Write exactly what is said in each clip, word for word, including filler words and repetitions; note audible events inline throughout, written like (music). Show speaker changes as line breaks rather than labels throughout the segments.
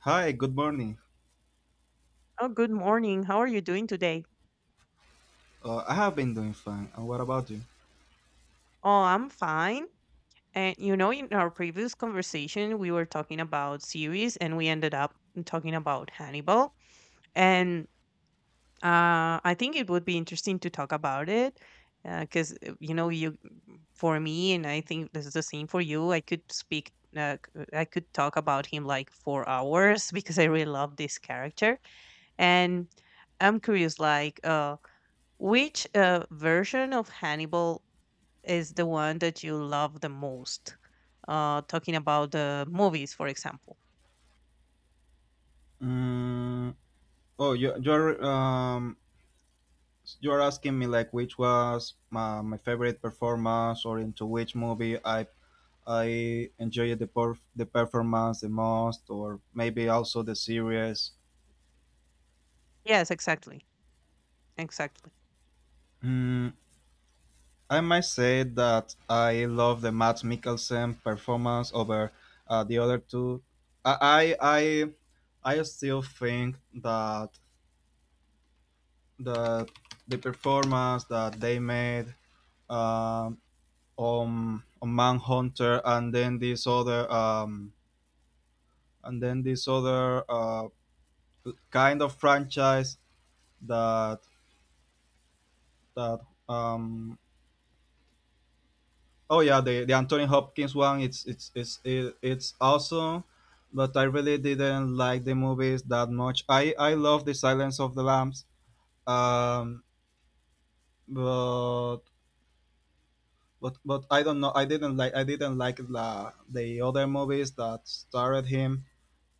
Hi, good morning.
Oh, good morning. How are you doing today?
Uh, I have been doing fine. And what about you?
Oh, I'm fine. And you know, in our previous conversation, we were talking about series and we ended up talking about Hannibal. And uh, I think it would be interesting to talk about it because, you know, you for me, and I think this is the same for you, I could speak, uh, c- I could talk about him like four hours (laughs) because I really love this character. And I'm curious, like, uh, which uh, version of Hannibal is the one that you love the most? Uh, talking about the movies, for example.
Mm, oh, you, you're um, you're asking me like which was my, my favorite performance or into which movie I I enjoyed the perf- the performance the most, or maybe also the series.
Yes, exactly, exactly.
Mm, I might say that I love the Matt Mikkelsen performance over uh, the other two. I I I, I still think that that the performance that they made um, on on Manhunter, and then this other um, and then this other uh, kind of franchise that that um, oh yeah, the, the Anthony Hopkins one, it's it's it's it, it's awesome, but I really didn't like the movies that much. I I love the Silence of the Lambs, um, but but but I don't know. I didn't like I didn't like the the other movies that starred him.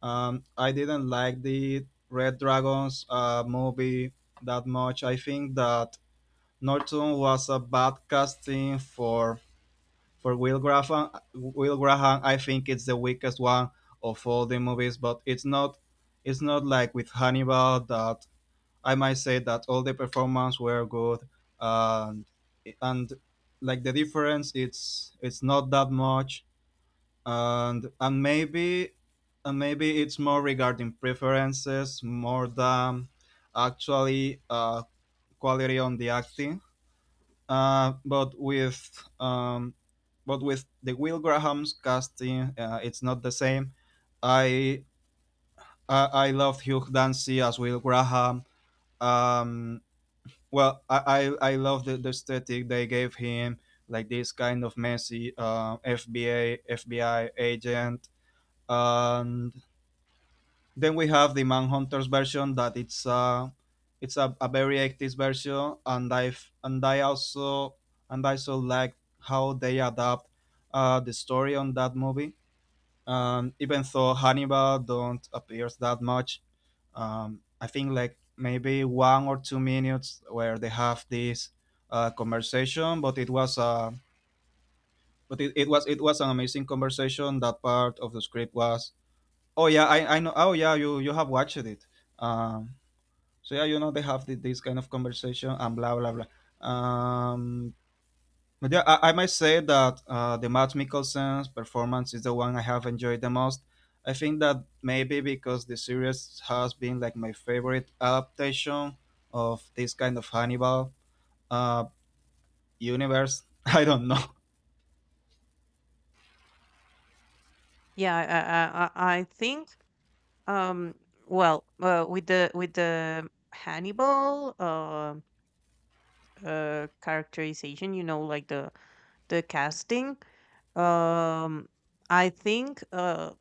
Um, I didn't like the Red Dragons uh, movie that much. I think that Norton was a bad casting for for Will Graham. Will Graham, I think it's the weakest one of all the movies, but it's not it's not like with Hannibal that I might say that all the performance were good, and and like the difference, it's it's not that much, and and maybe and maybe it's more regarding preferences more than actually uh, quality on the acting. Uh, but with um, but with the Will Graham's casting, uh, it's not the same. I I, I love Hugh Dancy as Will Graham. Um, Well, I I, I love the, the aesthetic they gave him, like this kind of messy uh, F B A F B I agent, and then we have the Manhunters version that it's uh it's a, a very active version, and I and I also and I also like how they adapt uh, the story on that movie. Um, even though Hannibal don't appears that much, um, I think like maybe one or two minutes where they have this uh, conversation, but it was uh, but it, it was it was an amazing conversation. That part of the script was oh yeah I, I know. Oh yeah, you you have watched it. Um, so yeah, you know they have thi- this kind of conversation and blah blah blah. Um, but yeah, I, I might say that uh, the Matt Mikkelsen's performance is the one I have enjoyed the most. I think that maybe because the series has been like my favorite adaptation of this kind of Hannibal uh, universe. (laughs) I don't know.
Yeah, I, I, I I think. Um, well, uh, with the with the Hannibal uh, uh, characterization, you know, like the the casting. Um, I think uh,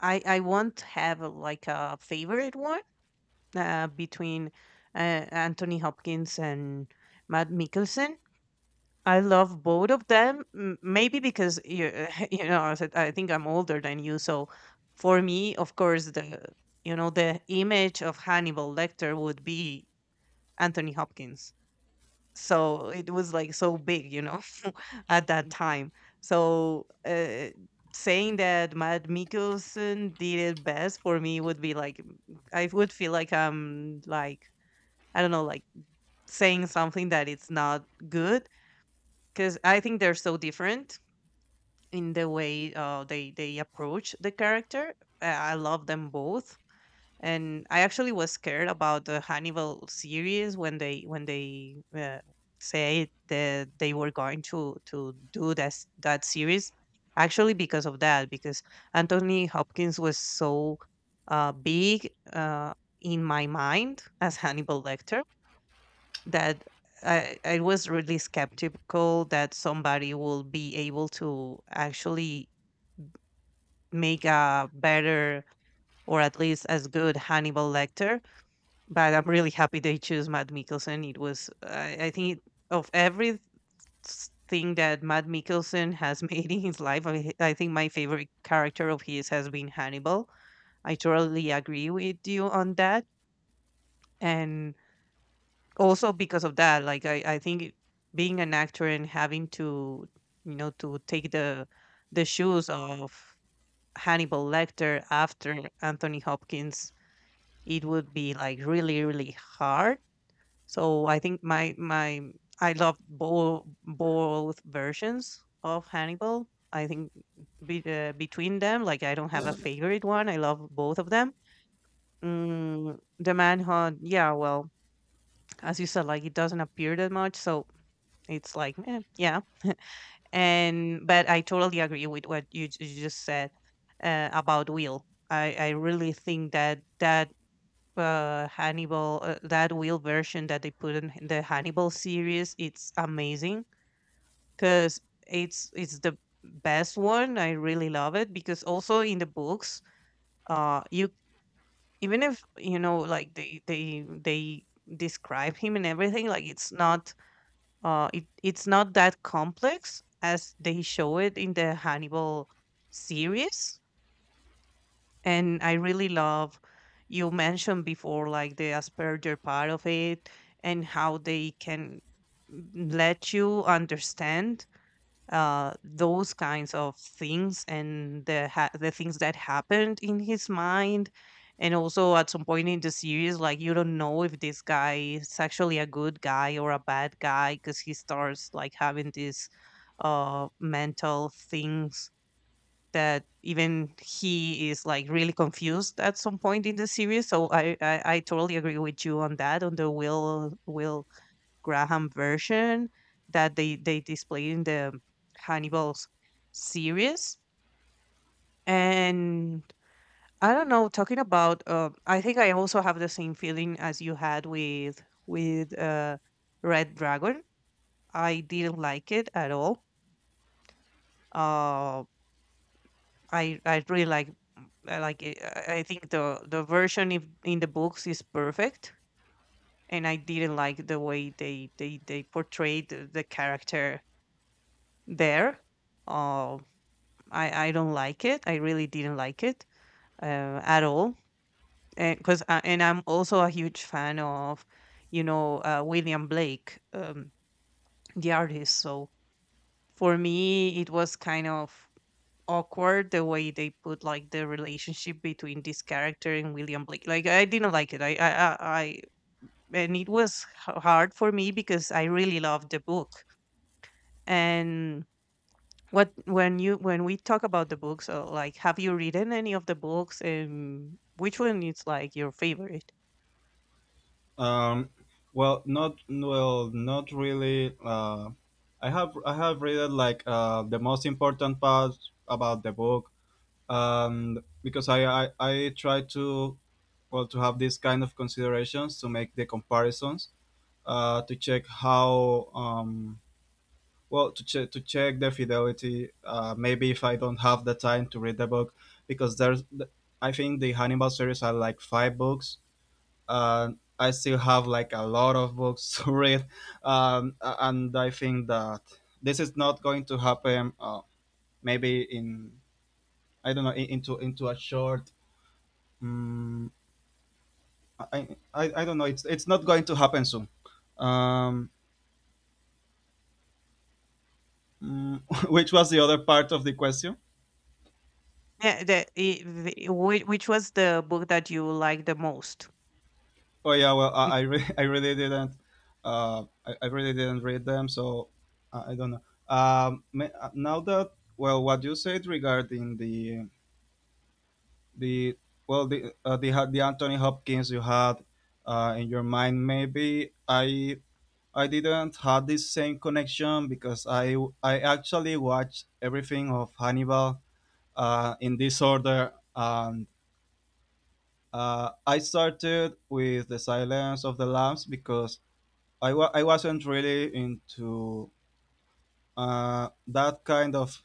I I won't have uh, like a favorite one, uh, between uh, Anthony Hopkins and Matt Mikkelsen. I love both of them. m- Maybe because you (laughs) you know I said- I think I'm older than you, so for me, of course, the you know the image of Hannibal Lecter would be Anthony Hopkins. So it was like so big, you know, (laughs) at that time. So uh, saying that Matt Mikkelsen did it best for me would be like I would feel like I'm like I don't know, like saying something that it's not good because I think they're so different in the way uh, they they approach the character. Uh, I love them both, and I actually was scared about the Hannibal series when they when they uh, say that they were going to to do that that series. Actually, because of that, because Anthony Hopkins was so uh, big uh, in my mind as Hannibal Lecter that I, I was really skeptical that somebody will be able to actually make a better or at least as good Hannibal Lecter. But I'm really happy they choose Matt Mikkelsen. It was, I, I think, of every s- thing that Matt Mikkelsen has (laughs) made in his life, I, I think my favorite character of his has been Hannibal. I totally agree with you on that. And also because of that, like i i think it- being an actor and having to, you know, to take the the shoes of Hannibal Lecter after Anthony Hopkins, it would be like really, really hard. So I think my my I love both both versions of Hannibal. I think be, uh, between them, like, I don't have a favorite one. I love both of them. Mm, the Manhunt, yeah, well, as you said, like it doesn't appear that much, so it's like, eh, yeah. And but I totally agree with what you, j- you just said uh, about Will. I, I really think that that uh, Hannibal, uh, that Will version that they put in the Hannibal series, it's amazing because it's it's the best one. I really love it because also in the books, uh, you even if you know like they they they describe him and everything, like it's not Uh, it, it's not that complex as they show it in the Hannibal series. And I really love you mentioned before, like the Asperger part of it, and how they can, mm, let you understand uh, those kinds of things and the ha- the things that happened in his mind. And also at some point in the series, like you don't know if this guy is actually a good guy or a bad guy because he starts like having these uh, mental things that even he is like really confused at some point in the series. So I I, I totally agree with you on that, on the Will Will Graham version that they they display in the Hannibal's series. And I don't know, talking about, uh, I think I also have the same feeling as you had with with uh, Red Dragon. I didn't like it at all. Uh, I I really like I like it. I I think the the version in in the books is perfect, and I didn't like the way they they they portrayed the, the character there. Um, I I don't like it. I really didn't like it uh, at all. And because and I'm also a huge fan of, you know, uh, William Blake, um, the artist. So for me, it was kind of awkward the way they put like the relationship between this character and William Blake. Like I didn't like it. I I I, I and it was h- hard for me because I really loved the book. And What when you when we talk about the books, uh, like have you written any of the books? And which one is like your favorite?
Um, well, not well, not really. Uh, I have I have read like uh, the most important part about the book, and because I, I I try to well to have these kind of considerations to make the comparisons uh, to check how um, well to check to check the fidelity uh, maybe if I don't have the time to read the book because there's I think the Hannibal series are like five books and I still have like a lot of books (laughs) to read, um, a- and I think that this is not going to happen uh, maybe in, I don't know, in, into into a short. Mm, I, I, I don't know. It's it's not going to happen soon. Um, mm, (laughs) which was the other part of the question?
Yeah, the, I- the whi- which was the book that you liked the most?
Oh yeah, well I
Mm.
I, re- (laughs) I really didn't uh, I, I really didn't read them, so I, I don't know. Um, ma- uh, now that well, what you said regarding the the well the uh, the Ha- the Anthony Hopkins you had uh, in your mind, maybe I I didn't have this same connection because I I actually watched everything of Hannibal uh, in this order. And uh, I started with The Silence of the Lambs because I, wa- I wasn't really into uh, that kind of,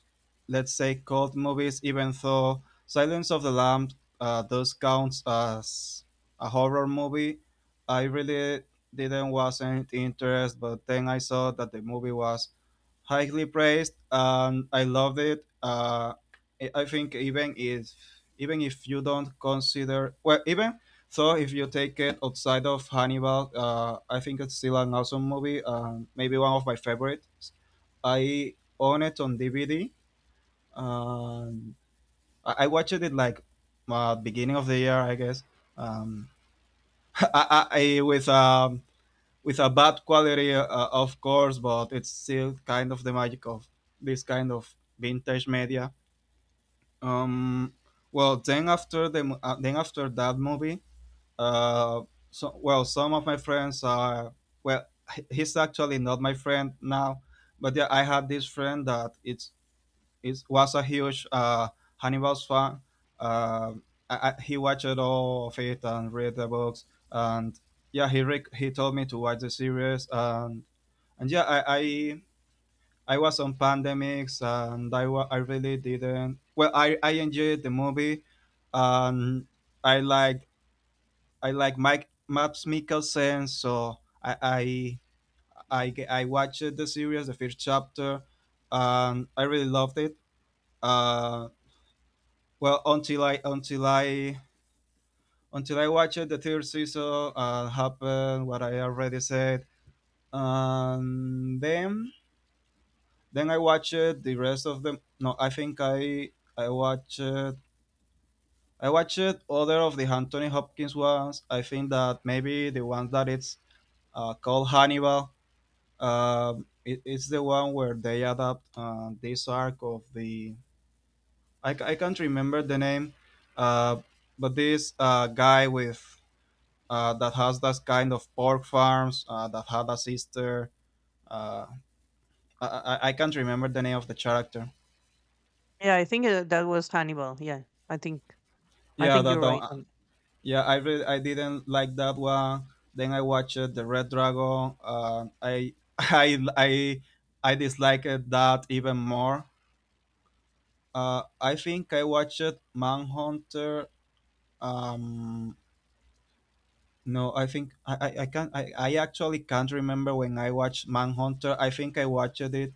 let's say, cult movies, even though Silence of the Lambs uh, does count as a horror movie. I really didn't wasn't interested, but then I saw that the movie was highly praised, and I loved it. Uh, I I think even if even if you don't consider well, even so, if you take it outside of Hannibal, uh, I think it's still an awesome movie. Um, maybe one of my favorites. I own it on D V D. Um, I, I watched it like uh, beginning of the year, I guess. Um, (laughs) I, I, I with um, With a bad quality, uh, of course, but it's still kind of the magic of this kind of vintage media. Um, well, then after the mo- uh, then after that movie, uh, so well, some of my friends are well, he- he's actually not my friend now, but yeah, I had this friend that it's it was a huge uh, Hannibal's fan. Um I, I, he watched all of it and read the books, and yeah, he rec- he told me to watch the series, and and yeah i i, I was on pandemics and I, wa- I really didn't well i i enjoyed the movie, and i like i like mike maps Mikkelsen, so i i i, ge- I watched the series, the first chapter, and i really loved it, uh well until i until i until i watched the third season. Uh happened what I already said, and then Then I watched the rest of them. No, I think I I watched I watched other of the Anthony Hopkins ones. I think that maybe the ones that it's uh, called Hannibal. Um, it, it's the one where they adapt uh, this arc of the I, ca- I can't remember the name, uh, but this uh, guy with uh, that has that kind of pork farms uh, that had a sister. Uh, I, I I can't remember the name of the character.
Yeah, I think uh, that was Hannibal. Yeah, I think. I
Yeah,
think
that
you're right
not.
on it.
Yeah, I re- I didn't like that one. Then I watched uh, the Red Dragon. Uh, I (laughs) I I I disliked that even more. Uh, I think I watched Manhunter. Um, no, I think I I, I can I, I actually can't remember when I watched Manhunter. I think I watched it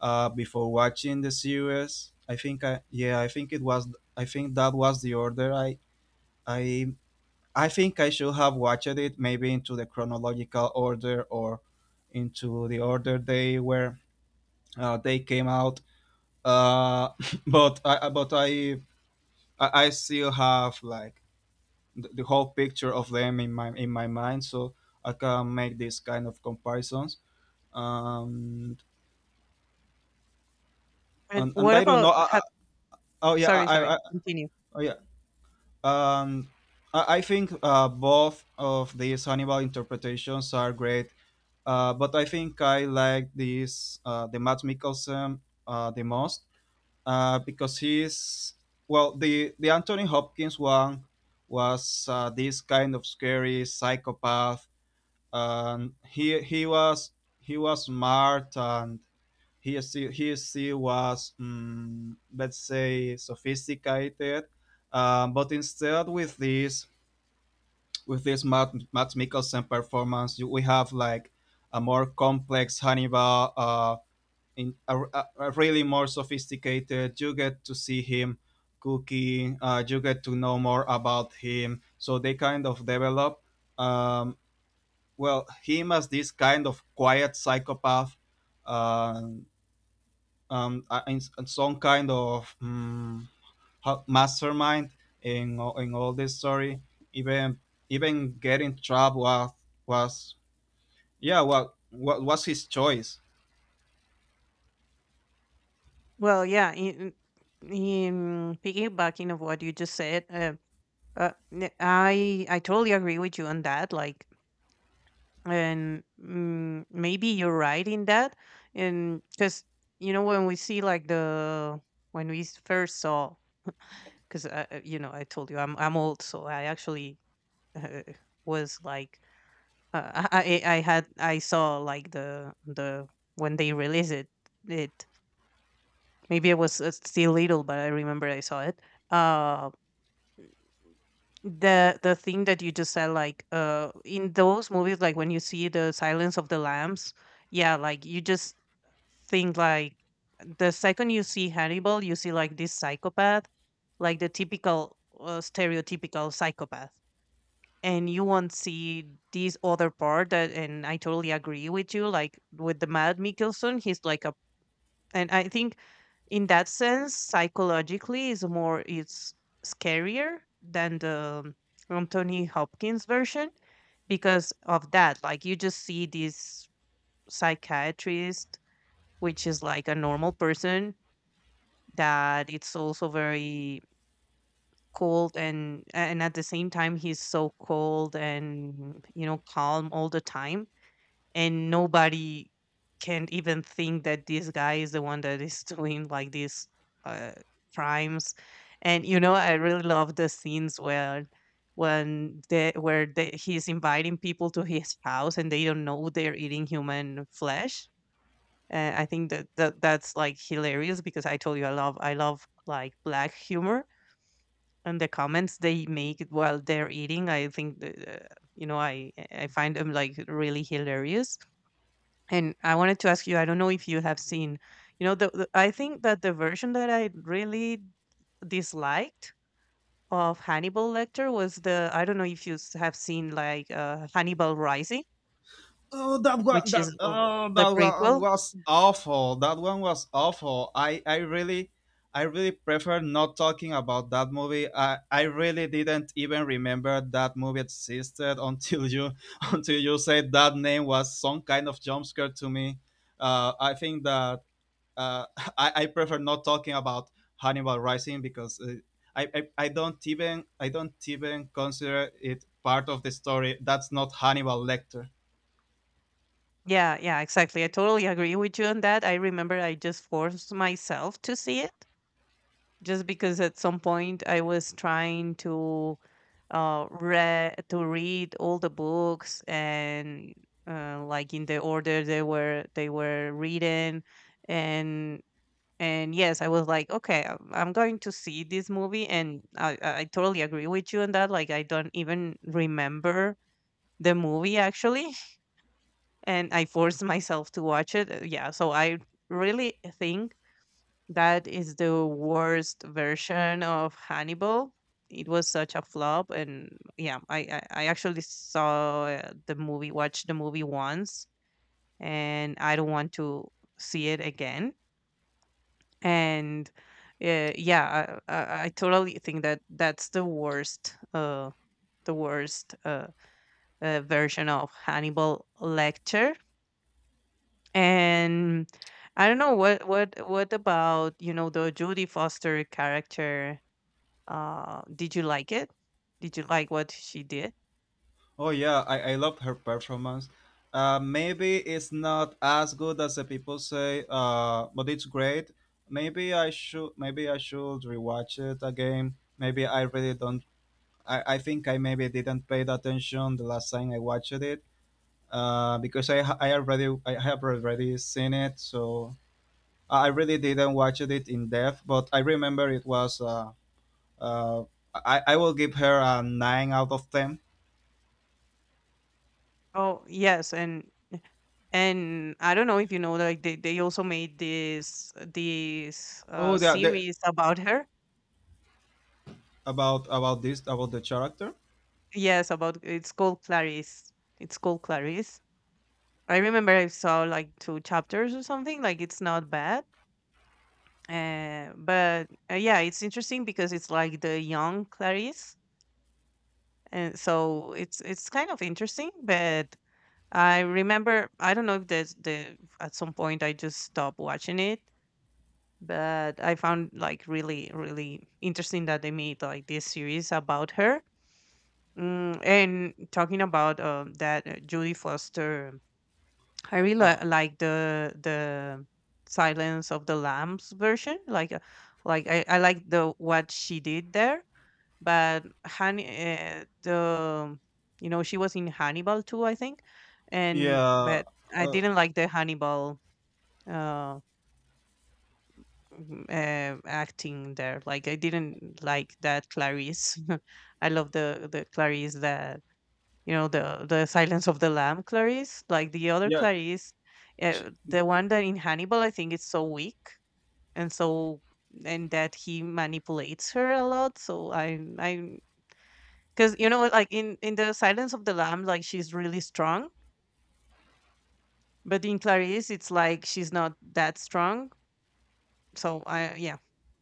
uh, before watching the series. I think I yeah I think it was I think that was the order. I I I think I should have watched it maybe into the chronological order or into the order they were uh, they came out. Uh, (laughs) but I uh, but I I I still have like the, the whole picture of them in my in my mind, so I can make these kind of comparisons. Um,
And
and and
what
I don't
about
know. I, I,
have
oh yeah, I,
sorry,
I,
sorry,
I
continue.
Oh yeah. Um, I, I think uh, both of these Hannibal interpretations are great. Uh, but I think I like this, uh, the Matt Mikkelsen, uh, the most, uh, because he's well, the the Anthony Hopkins one was uh, this kind of scary psychopath, and he he was he was smart and he still he still was, mm, let's say, sophisticated. Um, but instead with this With this Matt, Matt Mikkelsen performance, you, we have like a more complex Hannibal, uh, in a, a- really more sophisticated. You get to see him cooking. Uh, you get to know more about him. So they kind of develop. Um, well, him as this kind of quiet psychopath, uh, um, uh, in, some kind of, mm, ho- mastermind in all- in all this story. Even even getting trapped was was yeah, what what was his choice.
Well, yeah, in, in piggybacking of what you just said, uh, uh, n- I I totally agree with you on that. Like, and mm, maybe you're right in that, and because you know when we see like the when we s- first saw, because uh, uh, you know I told you I'm I'm old, so I actually uh, was like Uh, I I I had I saw like the the when they released it it maybe I was uh, still little, but I remember I saw it. Uh, the the thing that you just said, like, uh, in those movies, like when you see the Silence of the Lambs, yeah, like you just think like the second you see Hannibal, you see like this psychopath, like the typical uh, stereotypical psychopath, and you won't see this other part. That and I totally agree with you, like with the Mad Mickelson, he's like a and I think in that sense psychologically is more it's scarier than the Anthony Hopkins version because of that, like you just see this psychiatrist, which is like a normal person, that it's also very cold, and and at the same time he's so cold and you know calm all the time, and nobody can't even think that this guy is the one that is (laughs) doing like these uh crimes. And you know I really love the scenes where when they where they, he's inviting people to his house and they don't know they're eating human flesh. uh, I think that, that that's like hilarious because I told you I love i love like black humor, and the comments they make while they're eating, I think the- uh, you know i i find them like really hilarious. And I wanted to ask you, I don't know if you have seen you know the, the I think that the version that I really disliked of Hannibal Lecter was the I don't know if you s- have seen like, uh, Hannibal Rising,
Oh, that one
which is,
that
uh,
oh,
the
that one
prequel.
was awful. That one was awful. I I really. I really prefer not talking about that movie. I, I really didn't even remember that movie existed until you (laughs) until you said that name, was some kind of jump scare to me. Uh, I think that uh, (laughs) I, I prefer not talking about Hannibal Rising, because uh, I, I I don't even I don't even consider it part of the story. That's not Hannibal Lecter.
Yeah, yeah, exactly, I totally agree with you on that. I remember I just forced myself to see it just because at some point I was trying to uh read to read all the books and, uh, like in the order they were they were written. and and yes, I was like, okay, I'm I'm going to see this movie, and I I I totally agree with you on that. Like, I don't even remember the movie actually. (laughs) And I forced (laughs) myself to watch it. Uh, yeah, so I really think that is the worst version of Hannibal. It was such a flop, and yeah, I I, I actually saw uh, the movie, watched the movie once, and I don't want to see it again. And uh, yeah, I, I I totally think that that's the worst uh the worst uh, uh version of Hannibal Lecter. And I don't know what what what about you know the Judy Foster character. Uh, did you like it? Did you like what she did?
Oh yeah, I, I love her performance. Uh, maybe it's not as good as the people say, uh, but it's great. Maybe I should maybe I should rewatch it again. Maybe I really don't. I, I think I maybe didn't pay the attention the last time I watched it, uh, because I ha- I already I have already seen it, so uh, I really didn't watch it in depth. But I remember it was uh, uh, I I will give her a nine out of ten.
Oh yes, and and I don't know if you know, like they, they also made this this uh
Oh, the, the
series about her.
about about this about the character.
Yes, about it's called Clarice. It's called Clarice. I remember I saw like two chapters or something. Like it's not bad. Uh, but uh, Yeah, it's interesting because it's like the young Clarice, and so it's it's kind of interesting. But I remember I don't know if there's the at some point I just stopped watching it. But I found like really, really interesting that they made like this series about her. Mm, and talking about, um, that, uh, Judy Foster, I really
Uh,
li- like the the Silence of the Lambs version. Like, uh, like I, I like the what she did there. But Honey, uh, the you know she was in Hannibal too, I think, and
yeah,
but I
uh,
didn't like the Hannibal uh, m- uh acting there. Like I didn't like that Clarice. (laughs) I love the the Clarice that you know the the Silence of the Lamb Clarice, like the other
yeah.
Clarice,
sh-
uh, the one that in Hannibal I think is so weak and so and that he manipulates her a lot. So I I because you know, like in in the Silence of the Lamb, like she's really strong, but in Clarice, it's like she's not that strong. So I, yeah.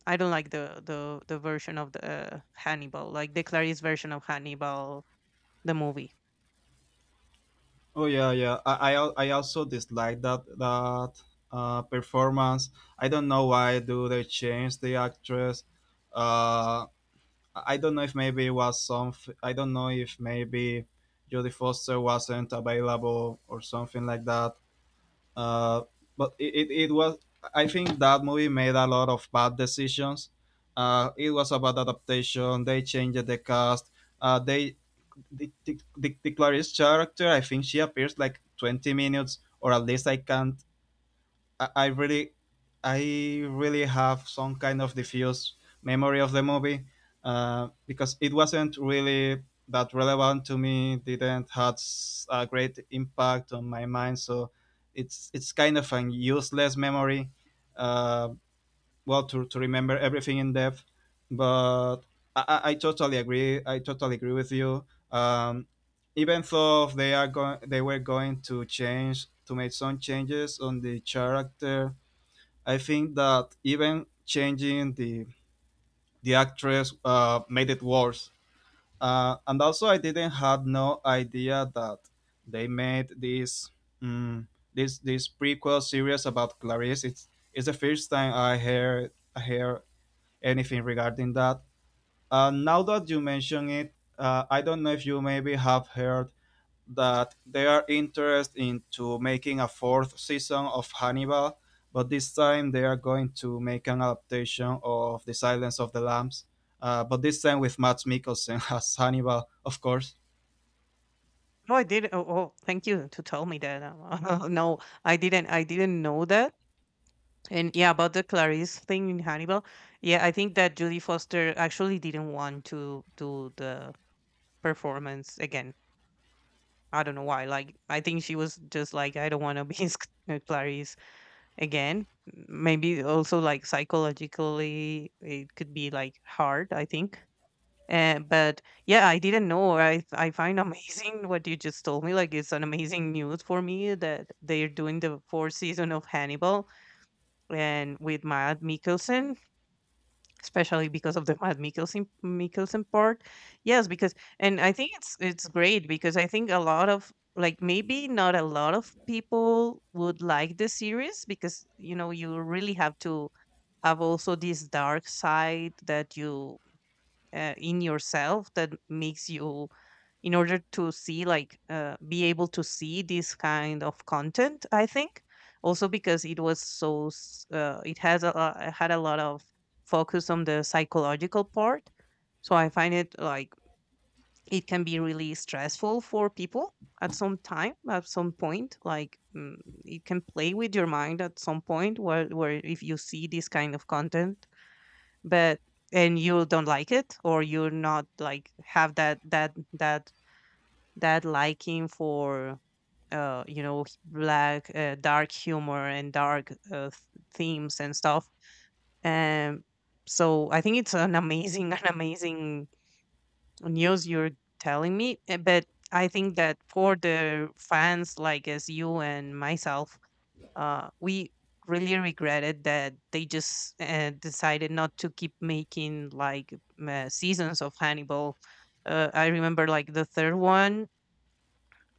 I don't like the the the version of the uh, Hannibal, like the Clarice version of Hannibal, the movie.
Oh yeah, yeah. I I, al- I also dislike that that uh, performance. I don't know why do they change the actress. Uh, I don't know if maybe it was some. I don't know if maybe Jodie Foster wasn't available or something like that. Uh, but it, it, it was. I think that movie made a lot of bad decisions. Uh, it was a bad adaptation. They changed the cast. Uh, they the, the, the Clarice character. I think she appears like twenty minutes, or at least I can't I, I really, I really have some kind of diffuse memory of the movie uh, because it wasn't really that relevant to me. Didn't had s- a great impact on my mind, so it's it's kind of an useless memory. Uh, well, to to remember everything in depth, but I, I I totally agree. I totally agree with you. Um, Even though they are going, they were going to change to make some changes on the character. I think that even changing the the actress uh, made it worse. Uh, and also, I didn't have no idea that they made this mm this this prequel series about Clarice. It's it's the first time I hear I hear anything regarding that. Uh, now that you mention it, uh, I don't know if you maybe have heard that they are interested into making a fourth season of Hannibal, but this time they are going to make an adaptation of The Silence of the Lambs, uh, but this time with Matt Mikkelsen (laughs) as Hannibal, of course.
No, I did. Oh, oh, thank you to tell me that. Um, (laughs) no, I didn't. I didn't know that. And yeah, about the Clarice thing in Hannibal. Yeah, I think that Julie Foster actually didn't want to do the performance again. I don't know why. Like, I think she was just like, I don't want to be (laughs) uh, Clarice again. Maybe also, like, psychologically, it could be like hard. I think, uh, but yeah, I didn't know. I I find (laughs) amazing what you just told me. Like, it's an amazing news for me that they're doing the fourth season of Hannibal, and with Matt Mikkelsen, especially because of the Matt Mikkelsen Mikkelsen part. Yes, because and I think it's it's great because I think a lot of, like, maybe not a lot of people would like the series, because you know, you really have to have also this dark side that you, uh, in yourself, that makes you, in order to see, like, uh, be able to see this kind of content, I think. Also, because it was so s- uh, it has a lo- it had a lot of focus on the psychological part, so I find it like it can be really stressful for people at some time, at some point, like, mm, it can play with your mind at some point where, where if you see this kind of content, but, and you don't like it, or you're not like, have that that that that liking for, uh you know h- black, uh, dark humor and dark, uh, th- themes and stuff. um so I think it's an amazing (laughs) an amazing news you're telling me, uh, but I think that for the fans like as you and myself, uh, we really regretted that they just, uh, decided not to keep making, like, m- uh, seasons of Hannibal. Uh, I remember like the third one.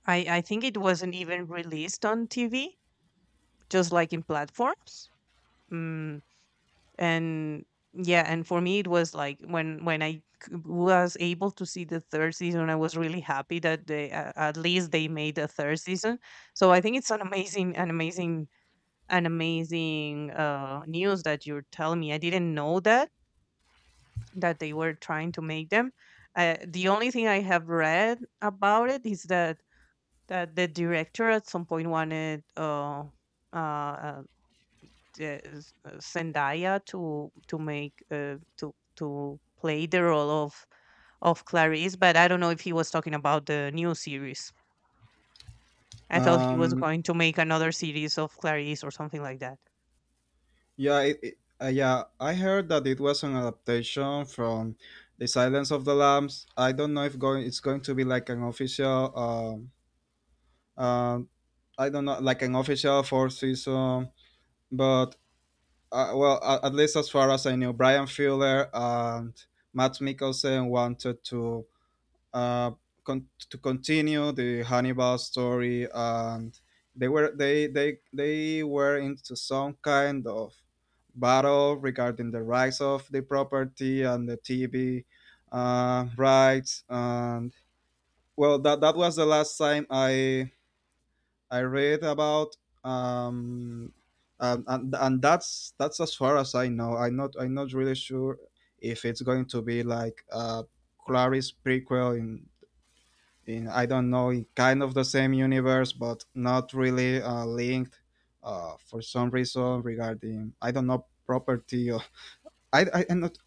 I I think it wasn't even released on T V, just like in platforms. Mm, and yeah, and for me it was like, when when I c- was able to see the third season, I was really happy that they, uh, at least they made a third season. So I think it's an amazing an amazing an amazing, uh, news that you're telling me. I didn't know that that they were trying to make them. Uh, the only thing I have read about it is that that the director at some point wanted, uh, uh, uh, the- s- uh, Zendaya to to make, uh, to to play the role of of Clarice, but I don't know if he was talking about the new series. I thought he was
Um,
going to make another series of Clarice or something like that.
yeah, it, it- uh, yeah, I heard that it was an adaptation from The Silence of the Lambs. I don't know if going it's going to be like an official. Um, um, I don't know, like an official fourth season, but uh, well, a- at least as far as I knew, Brian Fuller and Matt Mikkelsen wanted to uh, con- to continue the Hannibal story, and they were they they they were into some kind of battle regarding the rights of the property and the T V uh, rights, and well, that that was the last time I I read about. um, um, and and that's that's as far as I know. I'm not I'm not really sure if it's going to be like uh, Clary's prequel in in I don't know, in kind of the same universe, but not really uh, linked uh, for some reason regarding, I don't know, property or I I am not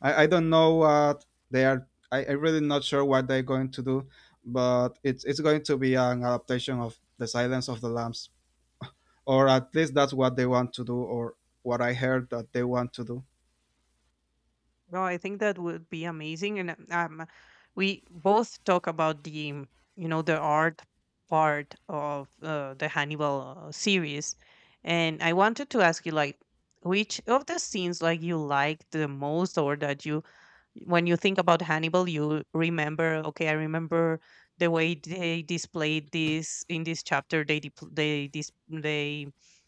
I, I don't know what they are. I I really not sure what they're going to do, but it's it's going to be an adaptation of The Silence of the Lambs, or at least that's what they want to do, or what I heard that they want to do.
No, I think that would be amazing. And um, we both talk about the, um, you know, the art part of, uh, the Hannibal, uh, series. And I wanted to ask you, like, which of the scenes, like, you liked the most, or that you, when you think about Hannibal, you remember, okay, I remember the way they displayed this in this chapter. They depl- they dis- they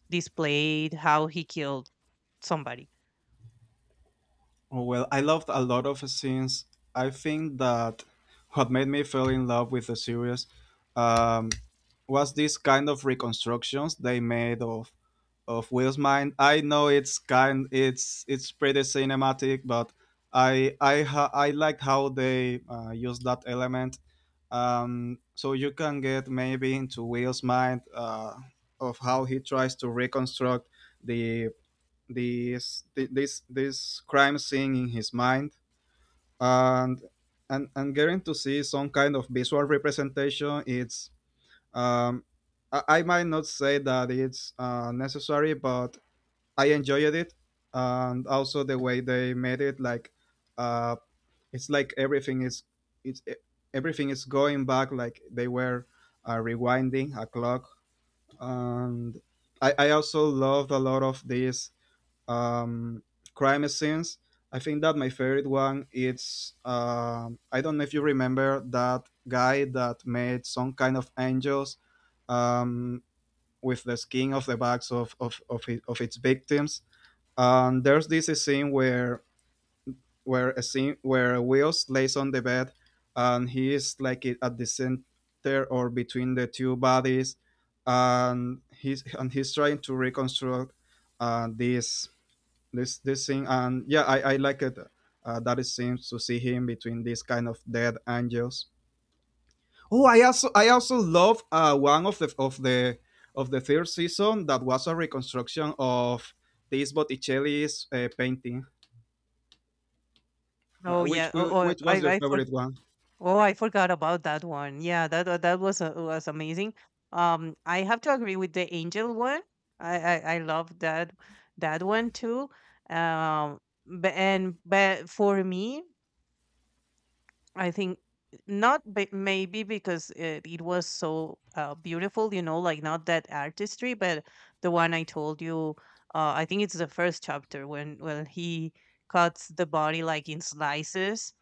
displayed how he killed somebody.
Oh, well, I loved a lot of scenes. I think that what made me fall in love with the series, um, was this kind of reconstructions they made of of Will's mind. I know it's kind it's it's pretty cinematic, but i i ha- i liked how they uh, used that element. Um, so you can get maybe into Will's mind, uh, of how he tries to reconstruct the this thi- this this crime scene in his mind, and and and getting to see some kind of visual representation. It's um i, I might not say that it's uh, necessary, but I enjoyed it. And also the way they made it, like uh it's like everything is it's e- everything is going back, like they were uh, rewinding a clock. And I, I also loved a lot of these um, crime scenes. I think that my favorite one is, um I don't know if you remember, that guy that made some kind of angels um, with the skin of the backs of of, of, it, of its victims. And there's this scene where where a scene where Wills lays on the bed, and he is like it at the center or between the two bodies. And he's and he's trying to reconstruct uh, this this this thing. And yeah, I, I like it, uh, that it seems to see him between these kind of dead angels. Oh, I also I also love uh, one of the of the of the third season, that was a reconstruction of this Botticelli's uh, painting.
Oh,
Uh, which
yeah. Oh, oh,
which was your
I I
favorite one?
Oh, I forgot about that one. Yeah, that wa- that was uh, was amazing. Um, I have to agree with the angel one. I I, I love that that one too. Um, but and but for me, I think not b- maybe because it, it was so, uh, beautiful, you know, like, not that artistry, but the one I told you, uh, I think it's the first chapter when when he cuts the body, like, in slices,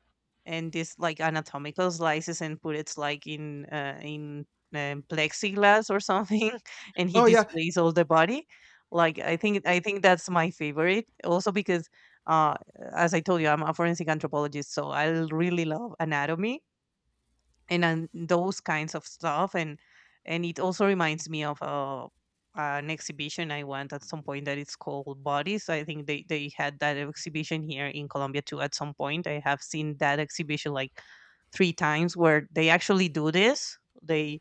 and this, like, anatomical slices, and put it, like, in uh, in um, plexiglass or something, (laughs) and he
Oh yeah,
displays all the body. Like, I think I think that's my favorite, also because. Uh, as I told you, I'm a forensic anthropologist, so I really love anatomy, and, and, those kinds of stuff. And and it also reminds me of, uh, an exhibition I went at some point that it's called Bodies. I think they they had that exhibition here in Colombia too at some point. I have seen that exhibition like three times, where they actually do this. They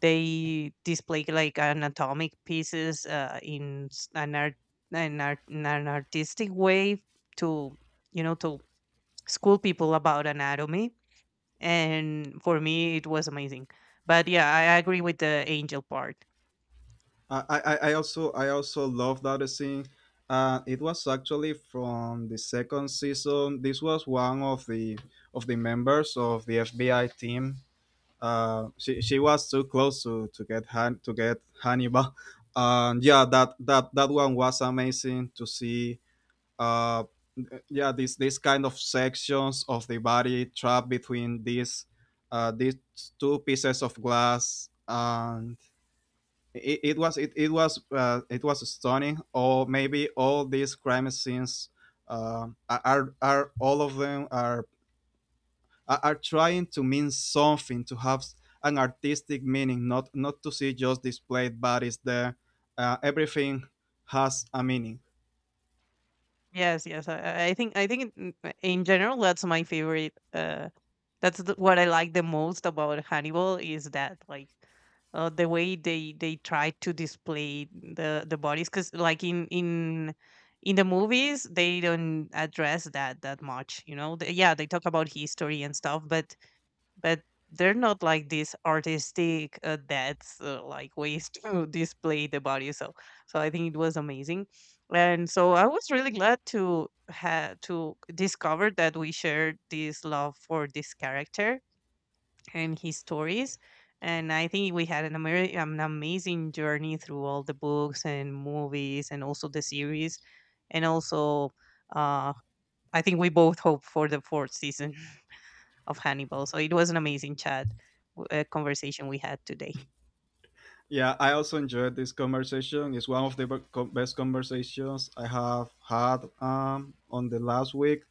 they display, like, anatomic pieces, uh, in s- an art an, art, in an artistic way, to you know, to school people about anatomy, and for me it was amazing. But yeah, i I agree with the angel part.
I I, I also I also love that scene. Uh, it was actually from the second season. This was one of the of the members of the F B I team. Uh, she, she was too close to, to get Han, to get Hannibal. (laughs) And yeah, that, that that one was amazing to see. Uh, yeah, this this kind of sections of the body trapped between these uh, these two pieces of glass. And it, it was it, it was uh, it was stunning. Or maybe all these crime scenes uh, are are all of them are are trying to mean something, to have an artistic meaning, not not to see just displayed bodies there. Uh, everything has a meaning.
Yes, yes. I, I I think i think in in general, that's my favorite. Uh that's the, what I like the most about Hannibal is that, like, uh, the way they they try to display the the bodies, because, like, in in in the movies, they don't address that that much, you know. They- yeah, they talk about history and stuff, but but they're not like these artistic, uh, that's uh, like, ways (laughs) to display the body. So so I think it was amazing. And so I was really glad to have to discover that we shared this love for this character and his stories. And I think we had an, ameri- um, an amazing journey through all the books and movies, and also the series. And also, uh, I think we both hope for the fourth season of Hannibal. So it was an amazing chat, w- uh, conversation we had today.
Yeah, I also enjoyed this conversation. It's one of the be- co- best conversations I have had, um, on the last week.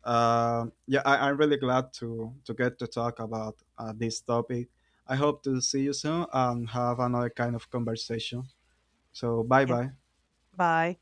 Um yeah, I, I'm really glad to to get to talk about uh, this topic. I hope to see you soon and have another kind of conversation. So bye
Yeah.
bye.
Bye.